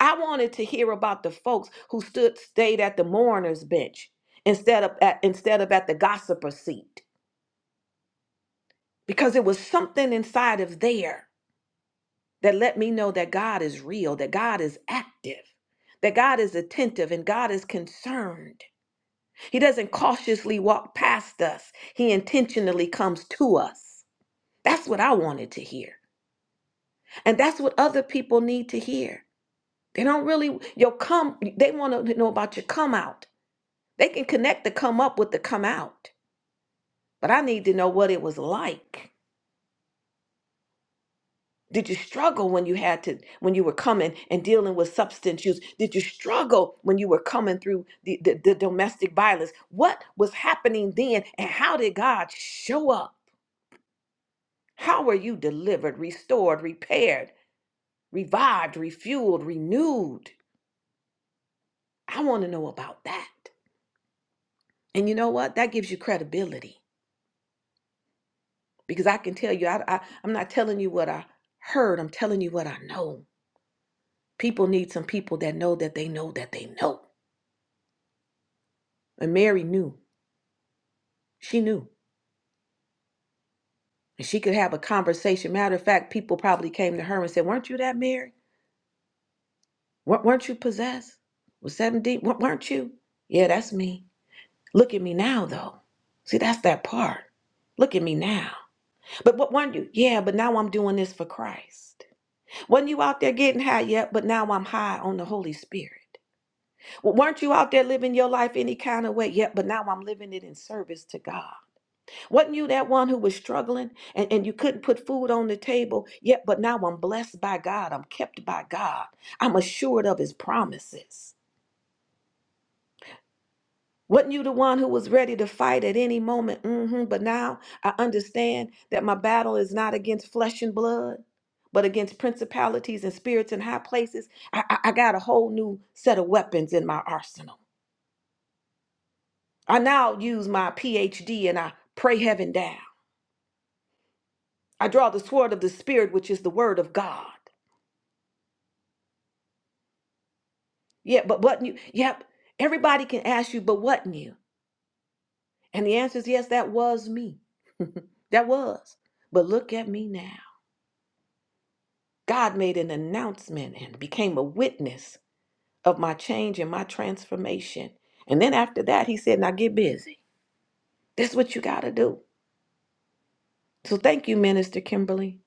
S2: I wanted to hear about the folks who stood stayed at the mourner's bench instead of at, instead of at the gossiper's seat because it was something inside of there that let me know that God is real, that God is active, that God is attentive and God is concerned. He doesn't cautiously walk past us. He intentionally comes to us. That's what I wanted to hear. And that's what other people need to hear. They don't really your come they want to know about your come out. They can connect the come up with the come out, but I need to know what it was like. Did you struggle when you had to when you were coming and dealing with substance use? Did you struggle when you were coming through the, the, the domestic violence? What was happening then and how did God show up? How were you delivered, restored, repaired, revived, refueled, renewed? I want to know about that. And you know what? That gives you credibility. because I can tell you, I, I, I'm not telling you what I heard. I'm telling you what I know. People need some people that know that they know that they know. And Mary knew. She knew. And she could have a conversation. Matter of fact, people probably came to her and said, Weren't you that Mary? Wer- Weren't you possessed? Was 17? Weren't you? Yeah, that's me. Look at me now, though. See, that's that part. Look at me now. But what weren't you? Yeah, but now I'm doing this for Christ. Wasn't you out there getting high yet? But now I'm high on the Holy Spirit. Weren't you out there living your life any kind of way? Yep, but now I'm living it in service to God. Wasn't you that one who was struggling and, and you couldn't put food on the table? Yep, but now I'm blessed by God. I'm kept by God. I'm assured of his promises. Wasn't you the one who was ready to fight at any moment? mm hmm but now I understand that my battle is not against flesh and blood, but against principalities and spirits in high places. I, I I got a whole new set of weapons in my arsenal. I now use my PhD and I pray heaven down. I draw the sword of the spirit, which is the word of God. Yeah, but what new? Yep. Everybody can ask you, but what new? And the answer is yes, that was me. That was. But look at me now. God made an announcement and became a witness of my change and my transformation. And then after that, he said, now get busy. That's what you got to do. So thank you, Minister Kimberly.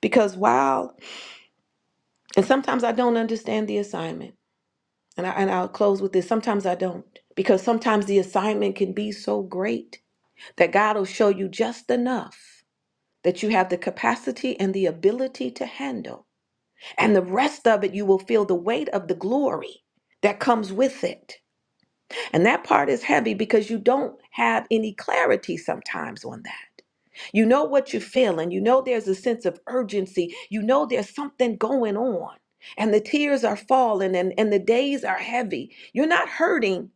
S2: Because while, and sometimes I don't understand the assignment. And, I, and I'll close with this. Sometimes I don't, because sometimes the assignment can be so great that God will show you just enough that you have the capacity and the ability to handle. And the rest of it, you will feel the weight of the glory that comes with it. And that part is heavy because you don't have any clarity sometimes on that. You know what you are feeling. you know there's a sense of urgency. You know there's something going on, and the tears are falling, and, and the days are heavy. You're not hurting,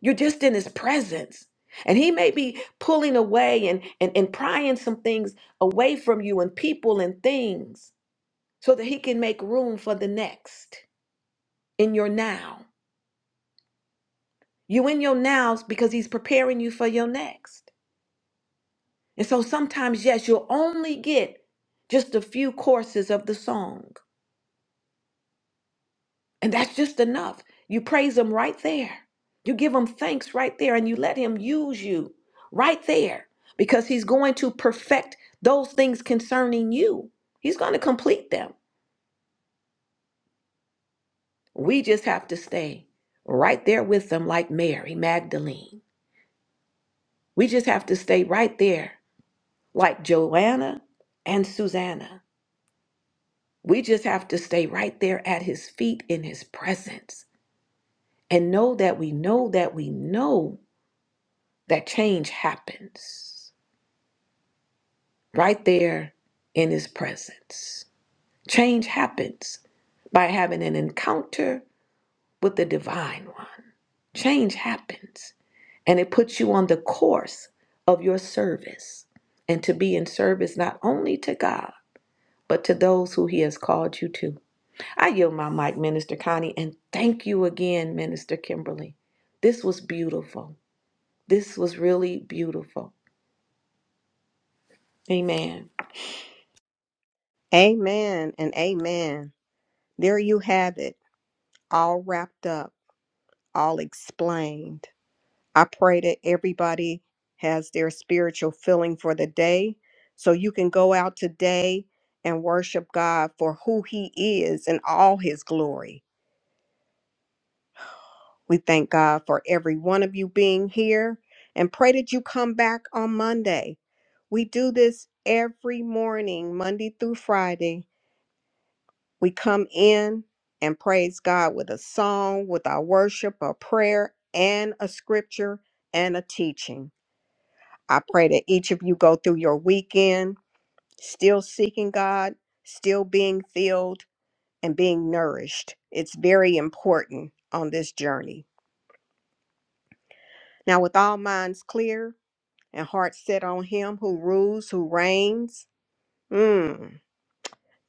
S2: you're just in His presence. And He may be pulling away and, and, and prying some things away from you, and people and things, so that He can make room for the next in your now. You in your nows because He's preparing you for your next. And so sometimes, yes, you'll only get just a few courses of the song, and that's just enough. You praise Him right there, you give Him thanks right there, and you let Him use you right there because He's going to perfect those things concerning you. He's going to complete them. We just have to stay right there with them, like Mary Magdalene. We just have to stay right there, like Joanna and Susanna. We just have to stay right there at his feet in his presence and know that we know that we know that change happens right there in his presence. Change happens by having an encounter with the divine one. Change happens and it puts you on the course of your service and to be in service not only to God, but to those who he has called you to. I yield my mic, Minister Connie, and thank you again, Minister Kimberly. This was beautiful. This was really beautiful. Amen.
S1: Amen and amen. There you have it, all wrapped up, all explained. I pray that everybody has their spiritual feeling for the day. So you can go out today and worship God for who He is in all His glory. We thank God for every one of you being here and pray that you come back on Monday. We do this every morning, Monday through Friday. We come in and praise God with a song, with our worship, a prayer, and a scripture and a teaching. I pray that each of you go through your weekend still seeking God, still being filled, and being nourished. It's very important on this journey. Now, with all minds clear and hearts set on Him who rules, who reigns, mm,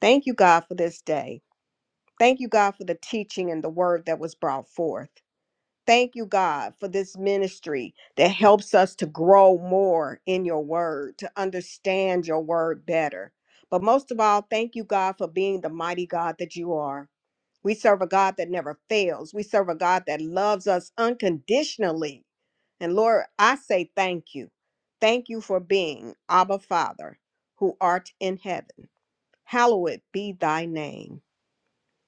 S1: thank you, God, for this day. Thank you, God, for the teaching and the word that was brought forth. Thank you, God, for this ministry that helps us to grow more in your word, to understand your word better. But most of all, thank you, God, for being the mighty God that you are. We serve a God that never fails. We serve a God that loves us unconditionally. And Lord, I say thank you. Thank you for being Abba Father, who art in heaven. Hallowed be thy name.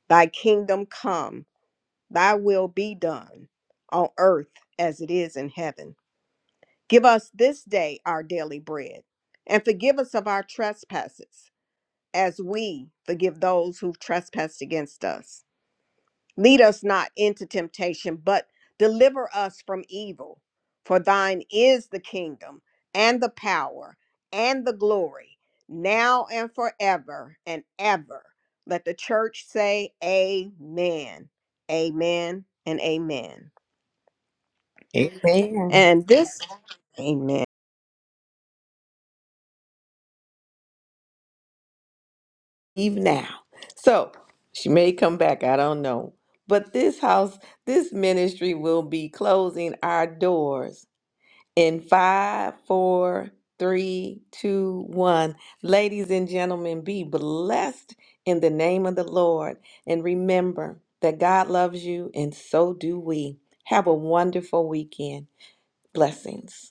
S1: Thy kingdom come. Thy will be done on earth as it is in heaven. Give us this day our daily bread, and forgive us of our trespasses, as we forgive those who've trespassed against us. Lead us not into temptation, but deliver us from evil. For thine is the kingdom, and the power, and the glory, now and forever and ever. Let the church say, Amen, Amen, and Amen.
S2: Amen.
S1: And this, amen.
S2: Even now. So She may come back. I don't know. But this house, this ministry will be closing our doors In five, four, three, two, one. Ladies and gentlemen, be blessed in the name of the Lord. And remember that God loves you, and so do we. Have a wonderful weekend. Blessings.